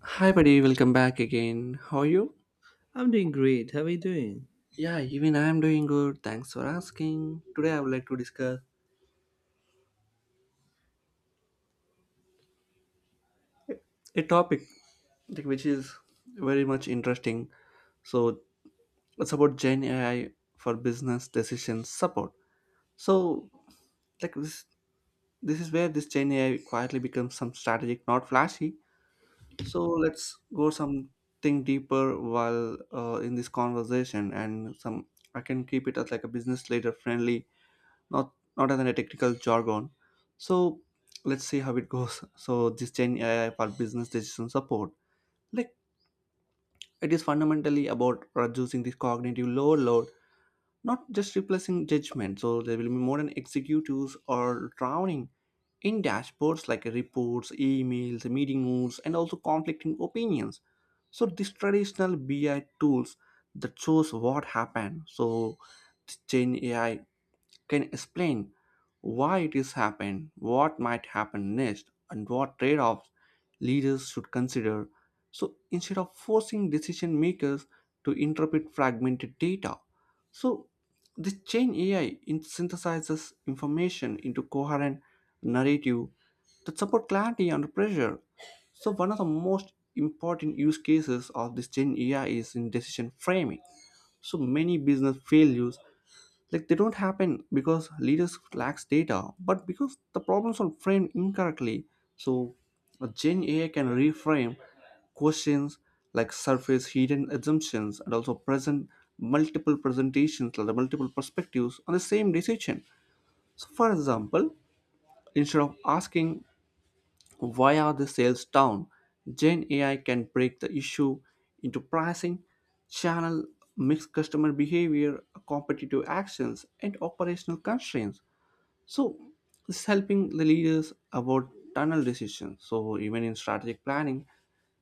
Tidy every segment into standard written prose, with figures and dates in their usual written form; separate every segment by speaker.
Speaker 1: Hi, buddy. Welcome back again. How are you?
Speaker 2: I'm doing great. How are you doing?
Speaker 1: Yeah, even I am doing good. Thanks for asking. Today, I would like to discuss a topic which is very much interesting. So it's about Gen AI for business decision support. So, like this, this is where this Gen AI quietly becomes some strategic, not flashy. So let's go something deeper while in this conversation, and some I can keep it as like a business leader friendly, not as in a technical jargon. So let's see how it goes. So this Gen AI for business decision support, like, it is fundamentally about reducing the cognitive overload, not just replacing judgment. So there will be more than executives or drowning in dashboards like reports, emails, meeting notes, and also conflicting opinions. So these traditional BI tools that shows what happened. So this Gen AI can explain why it is happened, what might happen next, and what trade-offs leaders should consider. So instead of forcing decision makers to interpret fragmented data, so this chain AI synthesizes information into coherent narrative that support clarity under pressure. So one of the most important use cases of this Gen AI is in decision framing. So many business failures, like, they don't happen because leaders lacks data but because the problems are framed incorrectly. So a Gen AI can reframe questions, like surface hidden assumptions and also present multiple presentations, like the multiple perspectives on the same decision. So for example, instead of asking why are the sales down? Gen AI can break the issue into pricing, channel mixed customer behavior, competitive actions, and operational constraints. So this is helping the leaders about tunnel decisions. So even in strategic planning,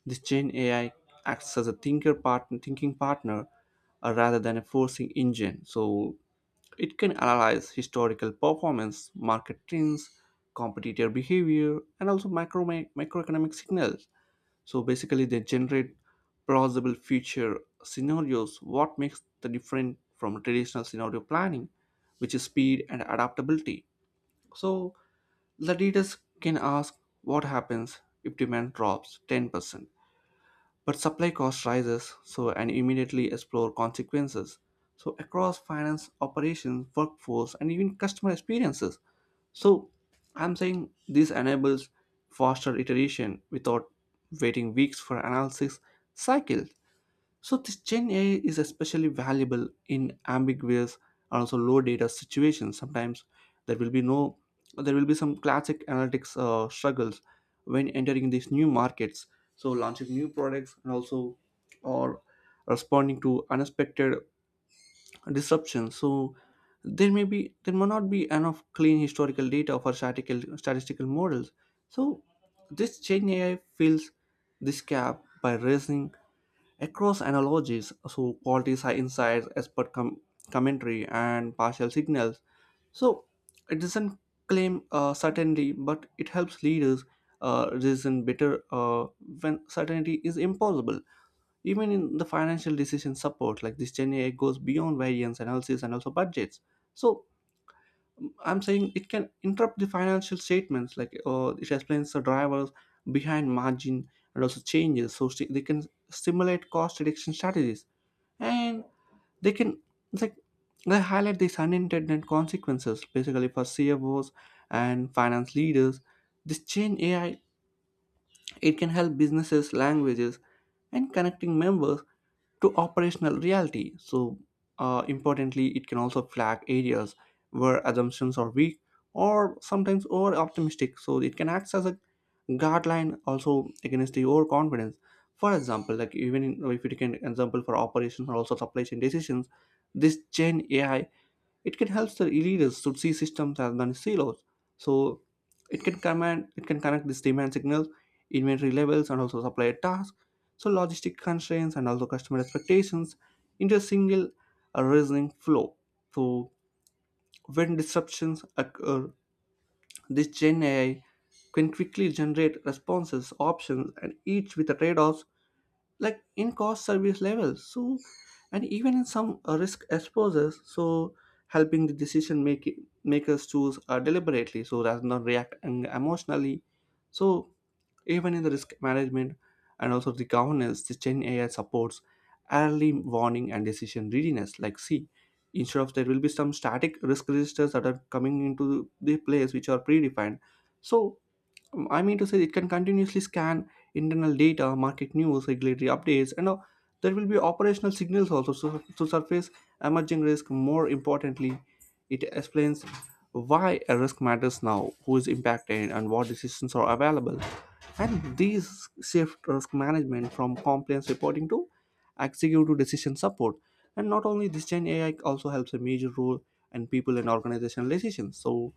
Speaker 1: this Gen AI acts as a thinker partner, thinking partner, rather than a forcing engine. So it can analyze historical performance, market trends, competitor behavior, and also microeconomic signals. So basically, they generate plausible future scenarios, what makes the different from traditional scenario planning, which is speed and adaptability. So the leaders can ask what happens if demand drops 10%. But supply cost rises, so and immediately explore consequences. So across finance, operations, workforce, and even customer experiences. So I'm saying this enables faster iteration without waiting weeks for analysis cycle. So this Gen AI is especially valuable in ambiguous and also low data situations. Sometimes there will be no, there will be some classic analytics struggles when entering these new markets. So launching new products and also or responding to unexpected disruptions. So there may not be enough clean historical data for statistical models. So this Gen AI fills this gap by raising across analogies, so qualities are insights, expert commentary, and partial signals. So it doesn't claim certainty, but it helps leaders reason better when certainty is impossible. Even in the financial decision support, like, this Gen AI goes beyond variance analysis and also budgets. So I'm saying it can interrupt the financial statements, it explains the drivers behind margin and also changes. So they can stimulate cost reduction strategies, and they can it's like they highlight these unintended consequences, basically for CFOs and finance leaders. This change AI, it can help businesses, languages, and connecting members to operational reality. So, importantly, it can also flag areas where assumptions are weak or sometimes over optimistic. So it can act as a guideline also against the overconfidence. For example, like, even in, if you take an example for operations or also supply chain decisions, this Gen AI, it can help the leaders to see systems as than silos. So it can connect these demand signals, inventory levels, and also supply tasks, so logistic constraints and also customer expectations into a single reasoning flow. So when disruptions occur, this Gen AI can quickly generate responses, options, and each with the trade-offs like in cost service levels. So and even in some risk exposures, so helping the decision making makers choose deliberately, so rather than react emotionally. So even in the risk management and also the governance, the Gen AI supports early warning and decision readiness, like, see, instead of there will be some static risk registers that are coming into the place which are predefined. So it can continuously scan internal data, market news, regulatory updates, and there will be operational signals also to surface emerging risk. More importantly, it explains why a risk matters now, who is impacted, and what decisions are available. And these shift risk management from compliance reporting to executive decision support. And not only this, Gen AI also helps a major role in people and organizational decisions. So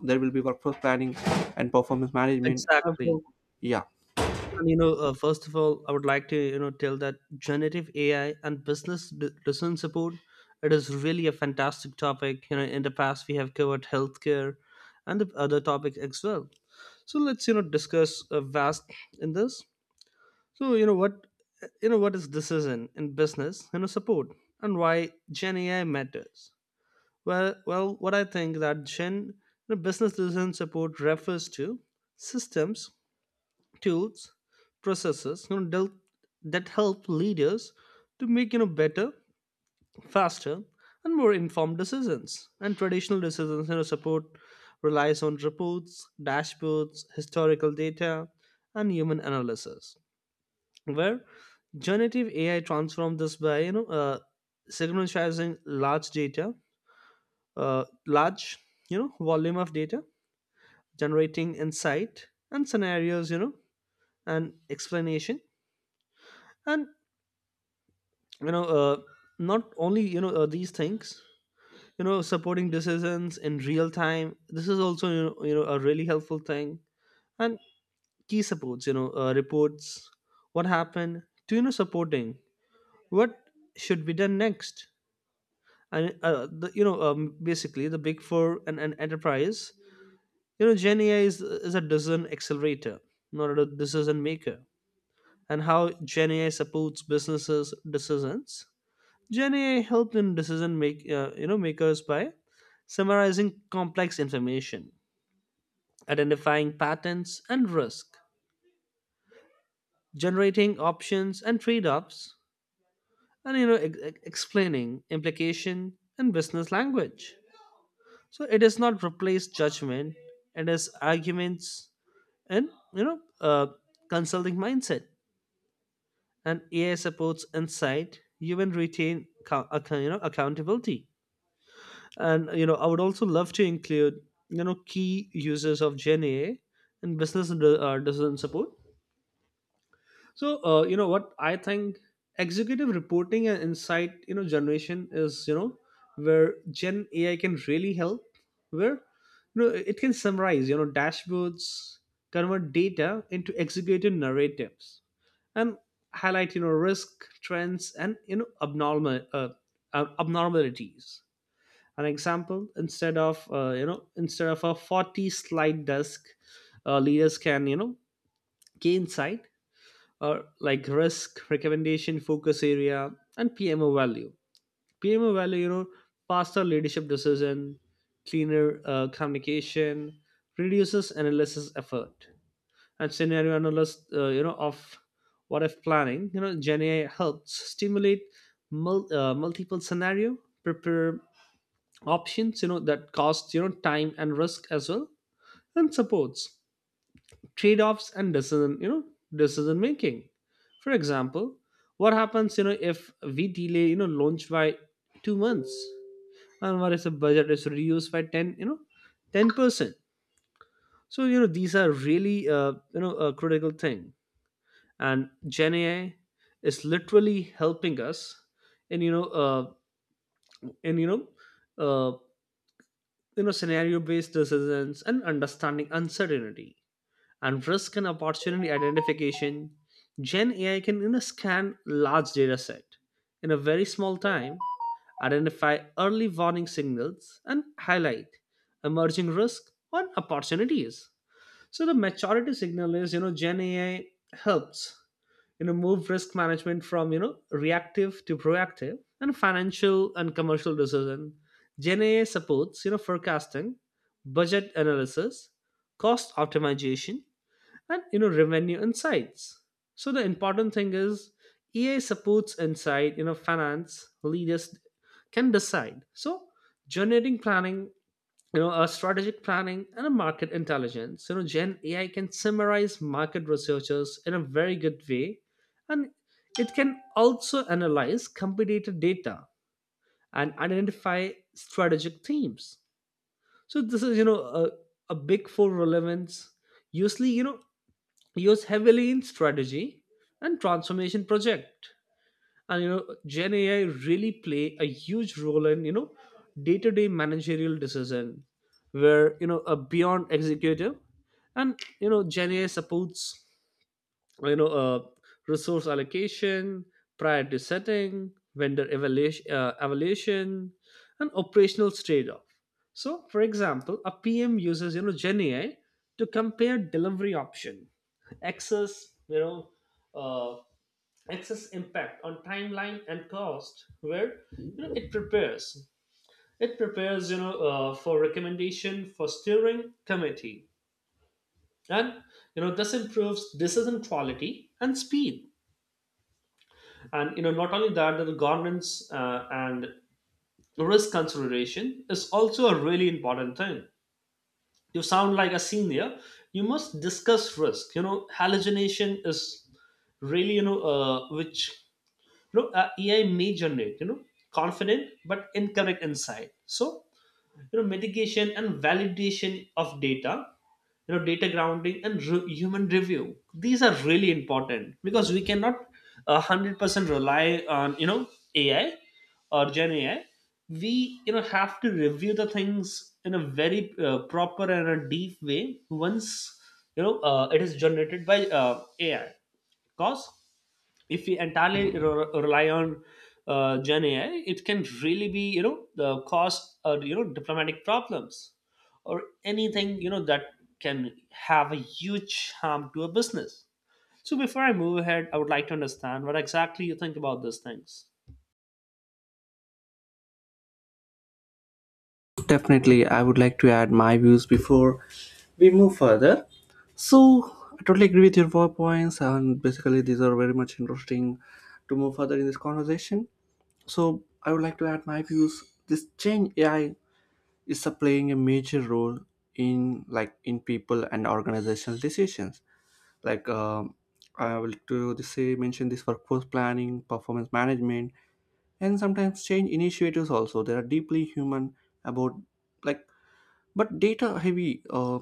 Speaker 1: there will be workforce planning and performance management
Speaker 2: Exactly.
Speaker 1: also, yeah
Speaker 2: And first of all, I would like to tell that generative AI and business decision support. It is really a fantastic topic. You know, in the past we have covered healthcare and the other topics as well. So let's discuss vast in this. So what is decision in business support and why Gen AI matters. Well, what I think that Gen the business decision support refers to systems, tools, processes that help leaders to make better, faster, and more informed decisions. And traditional decisions support relies on reports, dashboards, historical data, and human analysis. Where generative AI transforms this by synchronizing large volume of data, generating insight and scenarios, and explanation, and you know uh, not only these things, supporting decisions in real time. This is also, you know, a really helpful thing, and key supports, reports what happened, to supporting what should be done next. And the, you know basically, the big four and an enterprise, Gen AI is a decision accelerator, not a decision maker. And how Gen AI supports businesses decisions: Gen AI helped in decision makers by summarizing complex information, identifying patterns and risk, generating options and trade-offs, and explaining implication in business language. So it does not replace judgment, it is arguments and you know uh, consulting mindset. And AI supports insight, human retain co- account, you know accountability. And you know, I would also love to include key users of Gen AI and business decision support. So what I think, executive reporting and insight generation is where Gen AI can really help. Where it can summarize dashboards, convert data into executive narratives, and highlight risk trends and abnormalities. An example: instead of instead of a 40 slide desk, leaders can key insight or like risk recommendation focus area. And PMO value, faster leadership decision, cleaner communication, reduces analysis effort. And scenario analysis of what if planning, Gen AI helps stimulate multiple scenario, prepare options that cost time and risk as well, and supports trade-offs and decision you know decision making. For example, what happens if we delay launch by 2 months, and what if the budget is reduced by 10%? So these are really a critical thing, and Gen AI is literally helping us in you know uh, in uh, you know scenario based decisions and understanding uncertainty and risk and opportunity identification. Gen AI can, scan large data set in a very small time, identify early warning signals, and highlight emerging risk and opportunities. So the maturity signal is, Gen AI helps move risk management from reactive to proactive. And financial and commercial decision, Gen AI supports forecasting, budget analysis, cost optimization, and revenue insights. So the important thing is EA supports insight, finance leaders can decide. So generating planning, a strategic planning and a market intelligence. You know, Gen AI can summarize market researchers in a very good way, and it can also analyze competitor data and identify strategic themes. So this is, a big four relevance. Usually, used heavily in strategy and transformation project. And Gen AI really play a huge role in day-to-day managerial decision, where a beyond executive. And Gen AI supports you know uh, resource allocation, priority setting, evaluation, and operational trade-off. So for example, a PM uses Gen AI to compare delivery option, access uh excess impact on timeline and cost, where it prepares, for recommendation for steering committee. And this improves decision quality and speed. And not only that, the governance and risk consideration is also a really important thing. You sound like a senior, you must discuss risk. You know, hallucination is really, which AI may generate, you know, confident but incorrect insight. So, you know, mitigation and validation of data, you know, data grounding and human review. These are really important because we cannot 100% rely on, you know, AI or Gen AI. We, you know, have to review the things in a very proper and a deep way once, it is generated by AI. Because if we entirely rely on Gen AI, it can really be, the cause diplomatic problems or anything, that can have a huge harm to a business. So before I move ahead, I would like to understand what exactly you think about these things.
Speaker 1: definitely, I would like to add my views before we move further. So I totally agree with your four points, and basically these are very much interesting to move further in this conversation. So I would like to add my views. This change AI is a playing a major role in, like, in people and organizational decisions. like um, I will to say mention this workforce planning performance management, and sometimes change initiators also, they are deeply human about, like, but data heavy.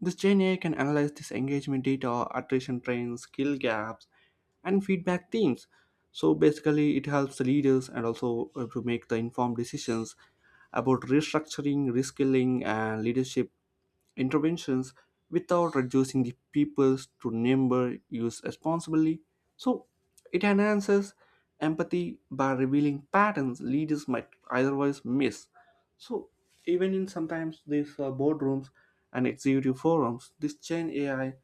Speaker 1: This Gen AI can analyze this engagement data, attrition trends, skill gaps, and feedback themes. So basically it helps the leaders and also to make the informed decisions about restructuring, reskilling, and leadership interventions without reducing the peoples to number use responsibly. So it enhances empathy by revealing patterns leaders might otherwise miss. So even in sometimes these boardrooms and executive forums, this chain AI,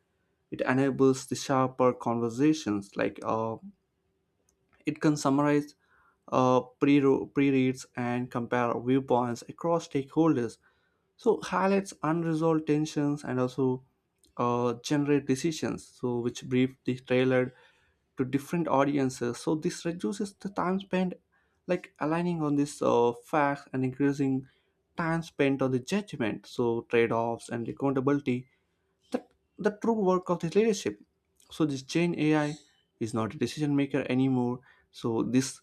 Speaker 1: it enables the sharper conversations. It can summarize pre reads and compare viewpoints across stakeholders, so highlights unresolved tensions and also generate decisions so which brief the trailer to different audiences. So this reduces the time spent like aligning on this facts and increasing time spent on the judgment, so trade-offs and accountability, the, the true work of this leadership. So this chain AI is not a decision maker anymore. So this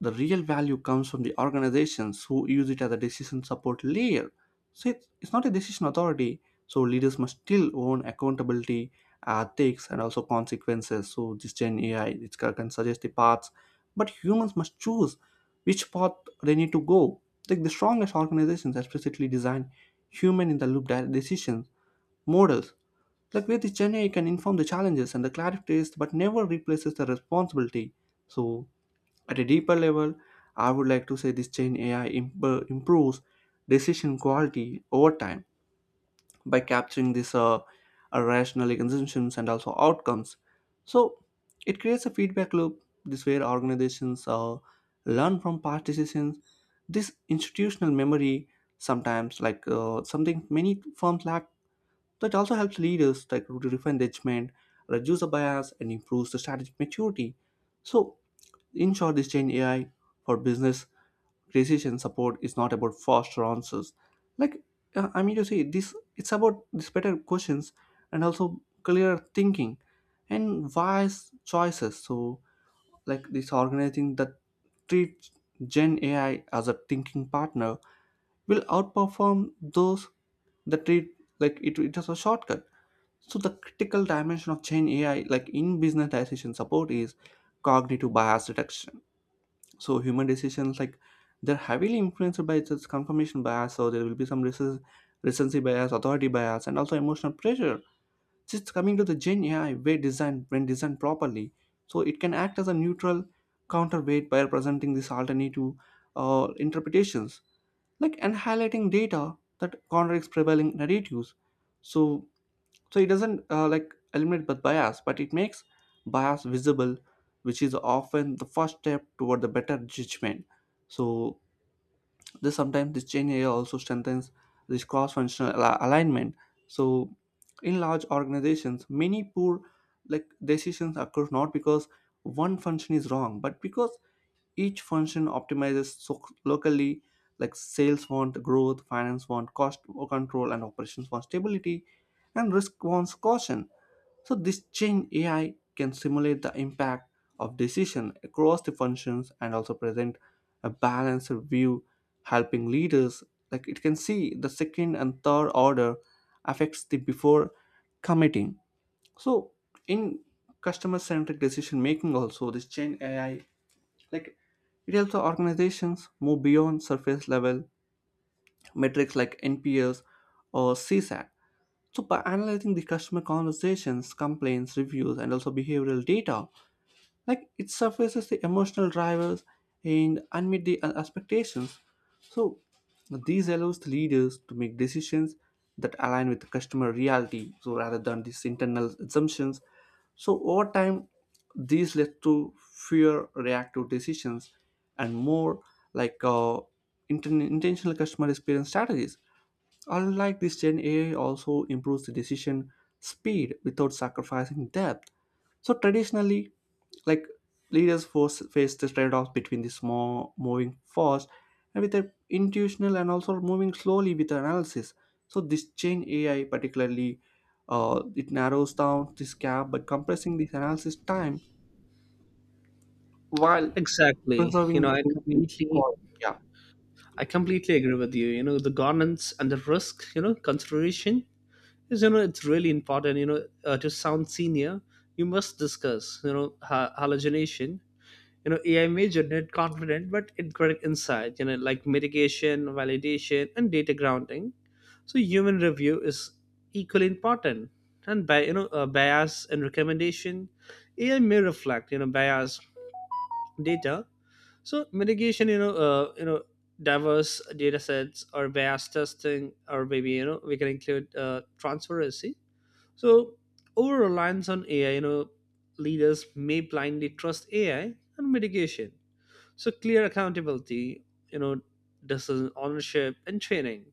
Speaker 1: the real value comes from the organizations who use it as a decision support layer. So it's not a decision authority. So leaders must still own accountability, ethics, and also consequences. So this Gen AI, it can suggest the paths, but humans must choose which path they need to go. Like, the strongest organizations explicitly design human in the loop decisions models, like where the Gen AI can inform the challenges and the clarifies, but never replaces the responsibility. So at a deeper level, I would like to say this Gen AI improves decision quality over time by capturing these rational consumptions and also outcomes. So it creates a feedback loop, this where organizations learn from past decisions. This institutional memory sometimes, like, something many firms lack. That also helps leaders like to refine judgment, reduce the bias, and improves the strategic maturity. So in short, this change AI for business decision support is not about faster answers. Like this it's about this better questions and also clear thinking and wise choices. So like this organizing that treats Gen AI as a thinking partner will outperform those that treat like it as a shortcut. So the critical dimension of Gen AI, like in business decision support, is cognitive bias detection. So human decisions, like, they're heavily influenced by this confirmation bias. So there will be some recency bias, authority bias, and also emotional pressure. Just coming to the Gen AI, way designed, when designed properly, so it can act as a neutral counterweight by presenting these alternative interpretations, like, and highlighting data that contradicts prevailing narratives. So so it doesn't eliminate the bias, but it makes bias visible, which is often the first step toward the better judgment. So this sometimes, this change area also strengthens this cross-functional alignment. So in large organizations many poor, like, decisions occur not because one function is wrong but because each function optimizes so locally. Like, sales want growth, finance want cost control, and operations want stability, and risk wants caution. So this chain AI can simulate the impact of decision across the functions and also present a balanced view, helping leaders, like, it can see the second and third order affects the before committing. So in customer-centric decision making, also this chain AI, like it helps the organizations move beyond surface level metrics like NPS or CSAT. So by analyzing the customer conversations, complaints, reviews, and also behavioral data, it surfaces the emotional drivers and unmet the expectations. So these allows the leaders to make decisions that align with the customer reality, so rather than these internal assumptions. So over time, these led to fewer reactive decisions and more, like uh, intentional customer experience strategies. Unlike this, Gen AI also improves the decision speed without sacrificing depth. So traditionally, like leaders force face the trade-off between this more moving fast and with a intuitional, and also moving slowly with analysis. So this change AI particularly, it narrows down this gap by compressing this analysis time while
Speaker 2: Exactly. You
Speaker 1: preserving
Speaker 2: know,
Speaker 1: the
Speaker 2: I
Speaker 1: thinking
Speaker 2: completely
Speaker 1: quality. Yeah,
Speaker 2: I completely agree with you. You know, the governance and the risk, you know, consideration is, you know, it's really important, you know, to sound senior, you must discuss, you know, hallucination. You know, AI may generate confident but incorrect insight. You know, like mitigation, validation, and data grounding. So human review is equally important. And by bias and recommendation, AI may reflect bias data. So mitigation, diverse data sets or bias testing, or maybe we can include transparency. So over reliance on AI, leaders may blindly trust AI. And mitigation, so clear accountability, you know, decision ownership and training,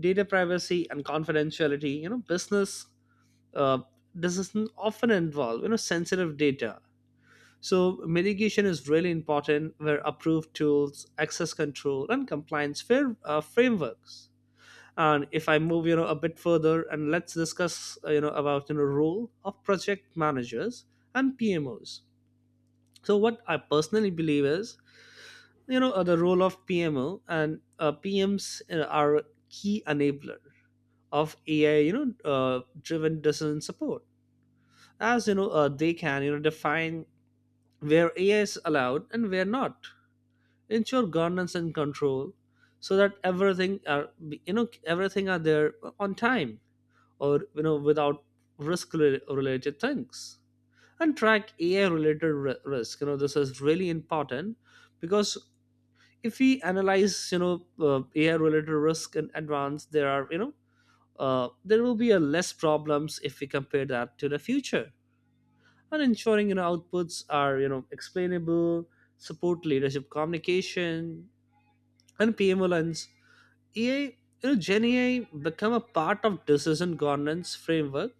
Speaker 2: data privacy and confidentiality. You know, business uh, decisions often involve sensitive data. So mitigation is really important, where approved tools, access control, and compliance frameworks. And if I move, you know, a bit further, and let's discuss, about role of project managers and PMOs. So what I personally believe is, the role of PMO and PMs are a key enabler of AI, driven decision support. As they can define where AI is allowed and where not, ensure governance and control so that everything are there on time, or without risk related things, and track AI related risk. You know, this is really important because if we analyze, AI related risk in advance, there are, there will be a less problems if we compare that to the future. And ensuring outputs are explainable, support leadership communication and PMLNs. AI, Gen AI, become a part of decision governance framework.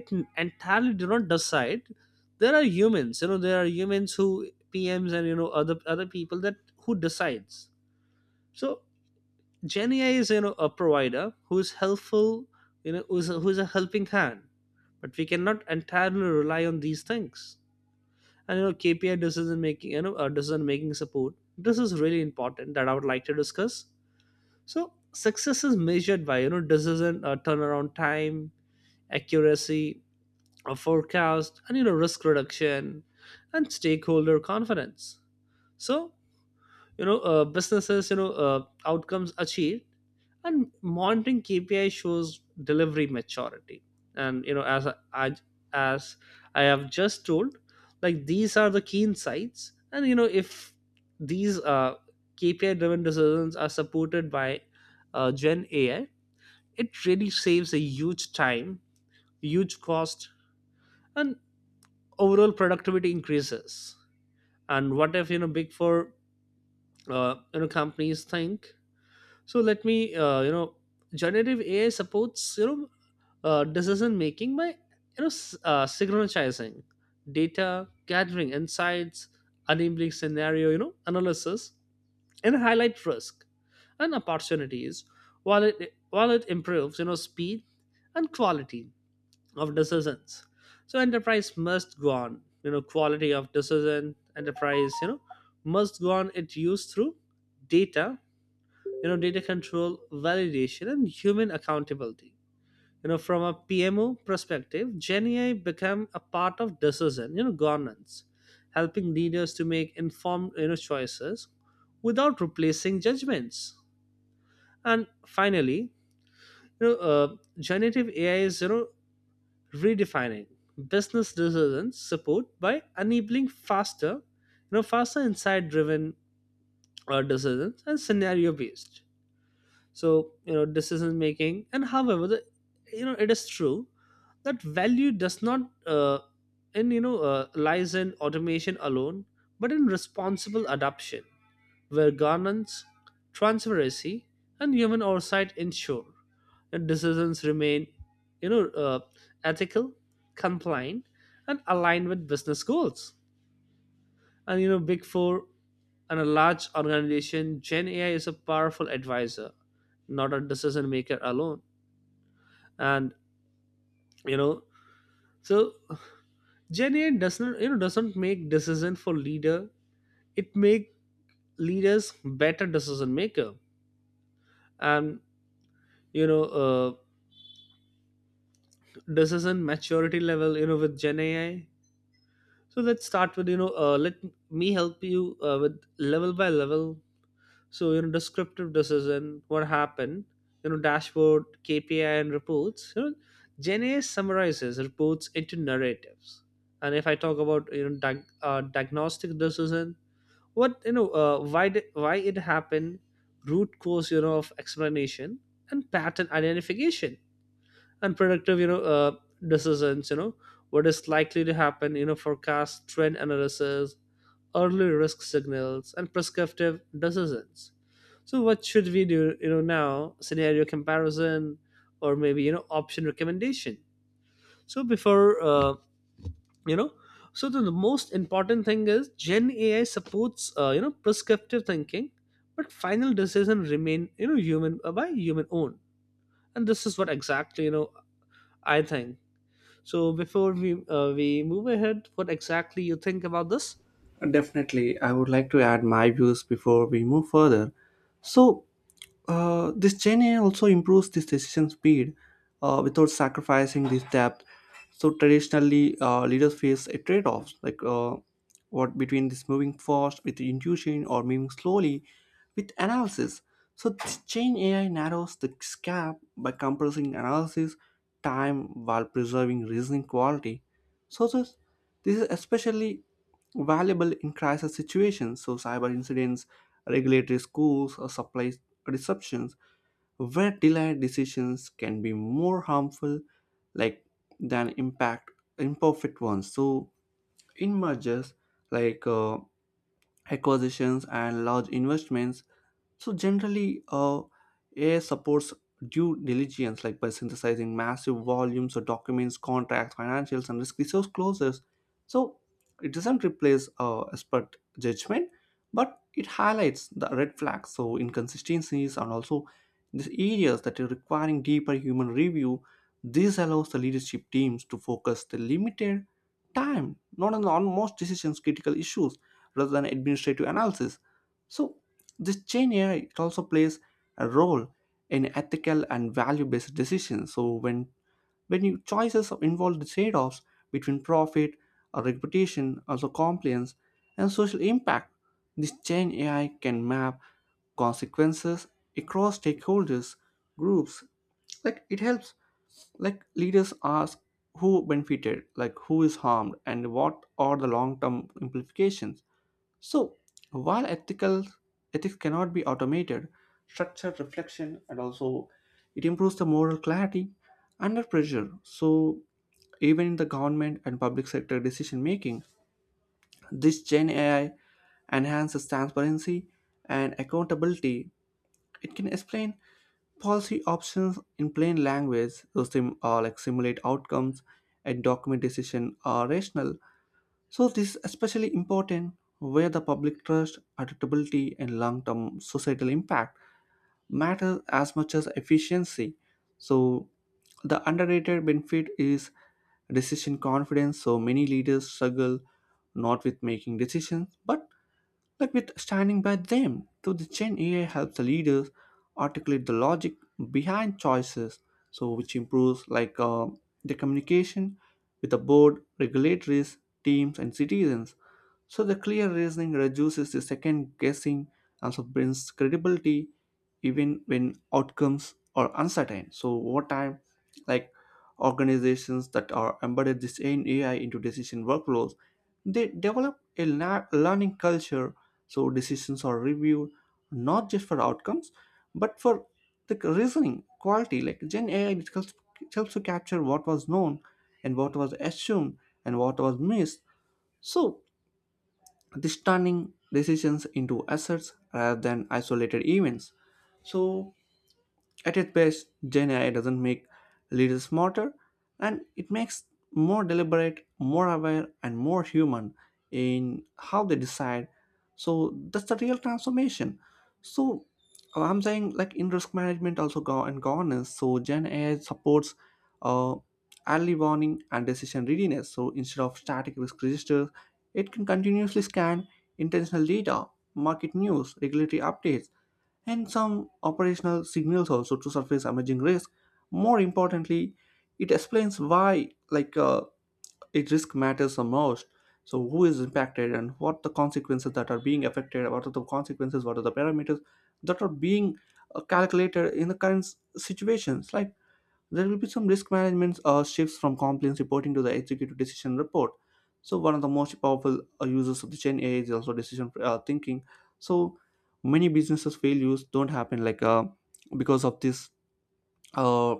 Speaker 2: It entirely do not decide. There are humans, there are humans who, PMs and other people, that who decides. So Gen AI is, a provider who is helpful, who's a helping hand, but we cannot entirely rely on these things. And you know, KPI decision making, you know decision making support, this is really important that I would like to discuss. So success is measured by decision turnaround time, accuracy, a forecast, and risk reduction, and stakeholder confidence. So businesses, outcomes achieved, and monitoring KPI shows delivery maturity. And as I have just told, like these are the key insights. And if these KPI driven decisions are supported by Gen AI, it really saves a huge time, huge cost, and overall productivity increases. And what if big four companies think? So let me, generative AI supports decision making by synchronizing data, gathering insights, enabling scenario analysis, and highlight risk and opportunities, while it improves speed and quality of decisions. So enterprise must go on, quality of decision. Enterprise, must go on it, used through data, data control, validation, and human accountability. You know, from a PMO perspective, Gen AI become a part of decision, governance, helping leaders to make informed choices without replacing judgments. And finally, know uh, generative AI is, redefining business decisions support by enabling faster you know faster insight driven decisions and scenario based, decision making. And however the, it is true that value does not, in you know lies in automation alone, but in responsible adoption where governance, transparency, and human oversight ensure that decisions remain, you know uh, ethical, compliant, and aligned with business goals. And you know, big four and a large organization, Gen AI is a powerful advisor, not a decision maker alone. And you know so Gen AI doesn't you know doesn't make decision for leader, it make leaders better decision maker. And you know uh, decision maturity level, with Gen AI, so let's start with, let me help you with level by level. So, you know, descriptive decision, what happened, you know, dashboard, KPI, and reports. You know, Gen A summarizes reports into narratives. And if I talk about diagnostic decision, what, why it happened, root cause of explanation and pattern identification, unproductive decisions, what is likely to happen, forecast, trend analysis, early risk signals. And prescriptive decisions, so what should we do, now scenario comparison, or maybe option recommendation. So before you know so the most important thing is Gen AI supports, prescriptive thinking, but final decision remain, you know human by human own. And this is what exactly I think. So before we move ahead, what exactly you think about this?
Speaker 1: definitely. I would like to add my views before we move further. So this Gen AI also improves this decision speed without sacrificing this depth. So traditionally, leaders face a trade-off, like what between this moving fast with intuition or moving slowly with analysis. So this Gen AI narrows the gap by compressing analysis time while preserving reasoning quality. So this is especially valuable in crisis situations. So cyber incidents, regulatory schools, or supply disruptions, where delayed decisions can be more harmful like than impact imperfect ones. So in mergers, like uh, acquisitions and large investments, so generally, AI supports due diligence, like by synthesizing massive volumes of documents, contracts, financials, and risk resource closes. So it doesn't replace expert judgment, but it highlights the red flags, so inconsistencies, and also these areas that are requiring deeper human review. This allows the leadership teams to focus the limited time not on the almost decisions critical issues rather than administrative analysis. So this chain AI, it also plays a role in ethical and value-based decisions. So when your choices involve the trade-offs between profit or reputation, also compliance and social impact, this chain AI can map consequences across stakeholders groups. Like it helps, like leaders ask who benefited, like who is harmed, and what are the long-term implications. So, while ethical ethics cannot be automated, structured reflection and also it improves the moral clarity under pressure. So, even in the government and public sector decision making, this Gen AI enhances transparency and accountability. It can explain policy options in plain language, so simulate outcomes and document decision are rational. So this is especially important where the public trust, adaptability, and long-term societal impact matter as much as efficiency. So the underrated benefit is decision confidence. So many leaders struggle not with making decisions, but with standing by them. So the Gen AI helps the leaders articulate the logic behind choices, so which improves the communication with the board, regulators, teams, and citizens. So the clear reasoning reduces the second guessing, also brings credibility even when outcomes are uncertain. So over time, like organizations that are embedded this in AI into decision workflows, they develop a learning culture. So decisions are reviewed not just for outcomes, but for the reasoning quality. Like Gen AI it helps to capture what was known, and what was assumed, and what was missed. So this turning decisions into assets rather than isolated events. So at its best, Gen AI doesn't make leaders smarter, and it makes more deliberate, more aware, and more human in how they decide. So that's the real transformation. So I'm saying, like in risk management, also go and governance. So Gen AI supports uh, early warning and decision readiness. So instead of static risk registers, it can continuously scan intentional data, market news, regulatory updates, and some operational signals also to surface emerging risk. More importantly, it explains why, a risk matters the most. So who is impacted and what the consequences that are being affected, what are the consequences, what are the parameters that are being calculated in the current situations. Like there will be some risk management shifts from compliance reporting to the executive decision report. So one of the most powerful users of the Gen AI is also decision thinking. So many businesses failures don't happen because of this uh,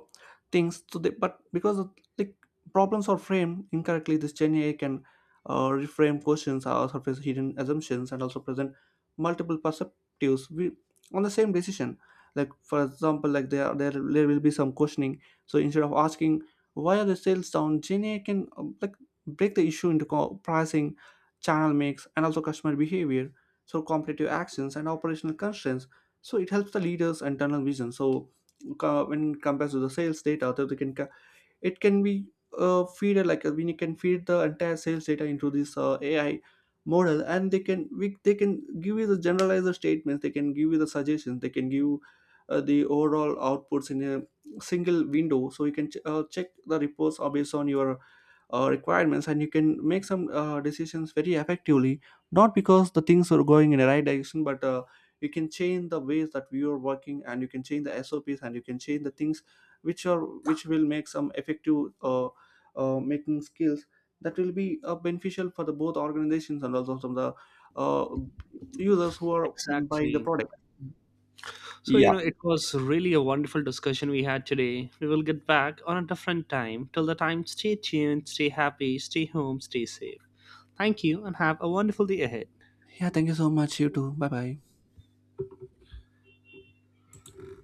Speaker 1: things to the but because of, like problems are framed incorrectly. This Gen AI can reframe questions or surface hidden assumptions, and also present multiple perspectives on the same decision. Like for example, there will be some questioning. So instead of asking why are the sales down, Gen AI can break the issue into pricing, channel mix, and also customer behavior, so competitive actions and operational constraints. So it helps the leaders internal vision. So when it compares to the sales data that we can it can be, feed, when you can feed the entire sales data into this AI model, and they can give you the generalized statements, they can give you the suggestions, they can give the overall outputs in a single window, so you can check the reports are based on your requirements, and you can make some decisions very effectively, not because the things are going in the right direction, but you can change the ways that we are working, and you can change the SOPs, and you can change the things which are which will make some effective making skills that will be beneficial for the both organizations and also from the uh, users who are buying the
Speaker 2: Exactly.
Speaker 1: product.
Speaker 2: So you
Speaker 1: yeah
Speaker 2: know, it was really a wonderful discussion we had today. We will get back on a different time. Till the time, stay tuned, stay happy, stay home, stay safe. Thank you, and have a wonderful day ahead.
Speaker 1: yeah, thank you so much. You too. Bye bye.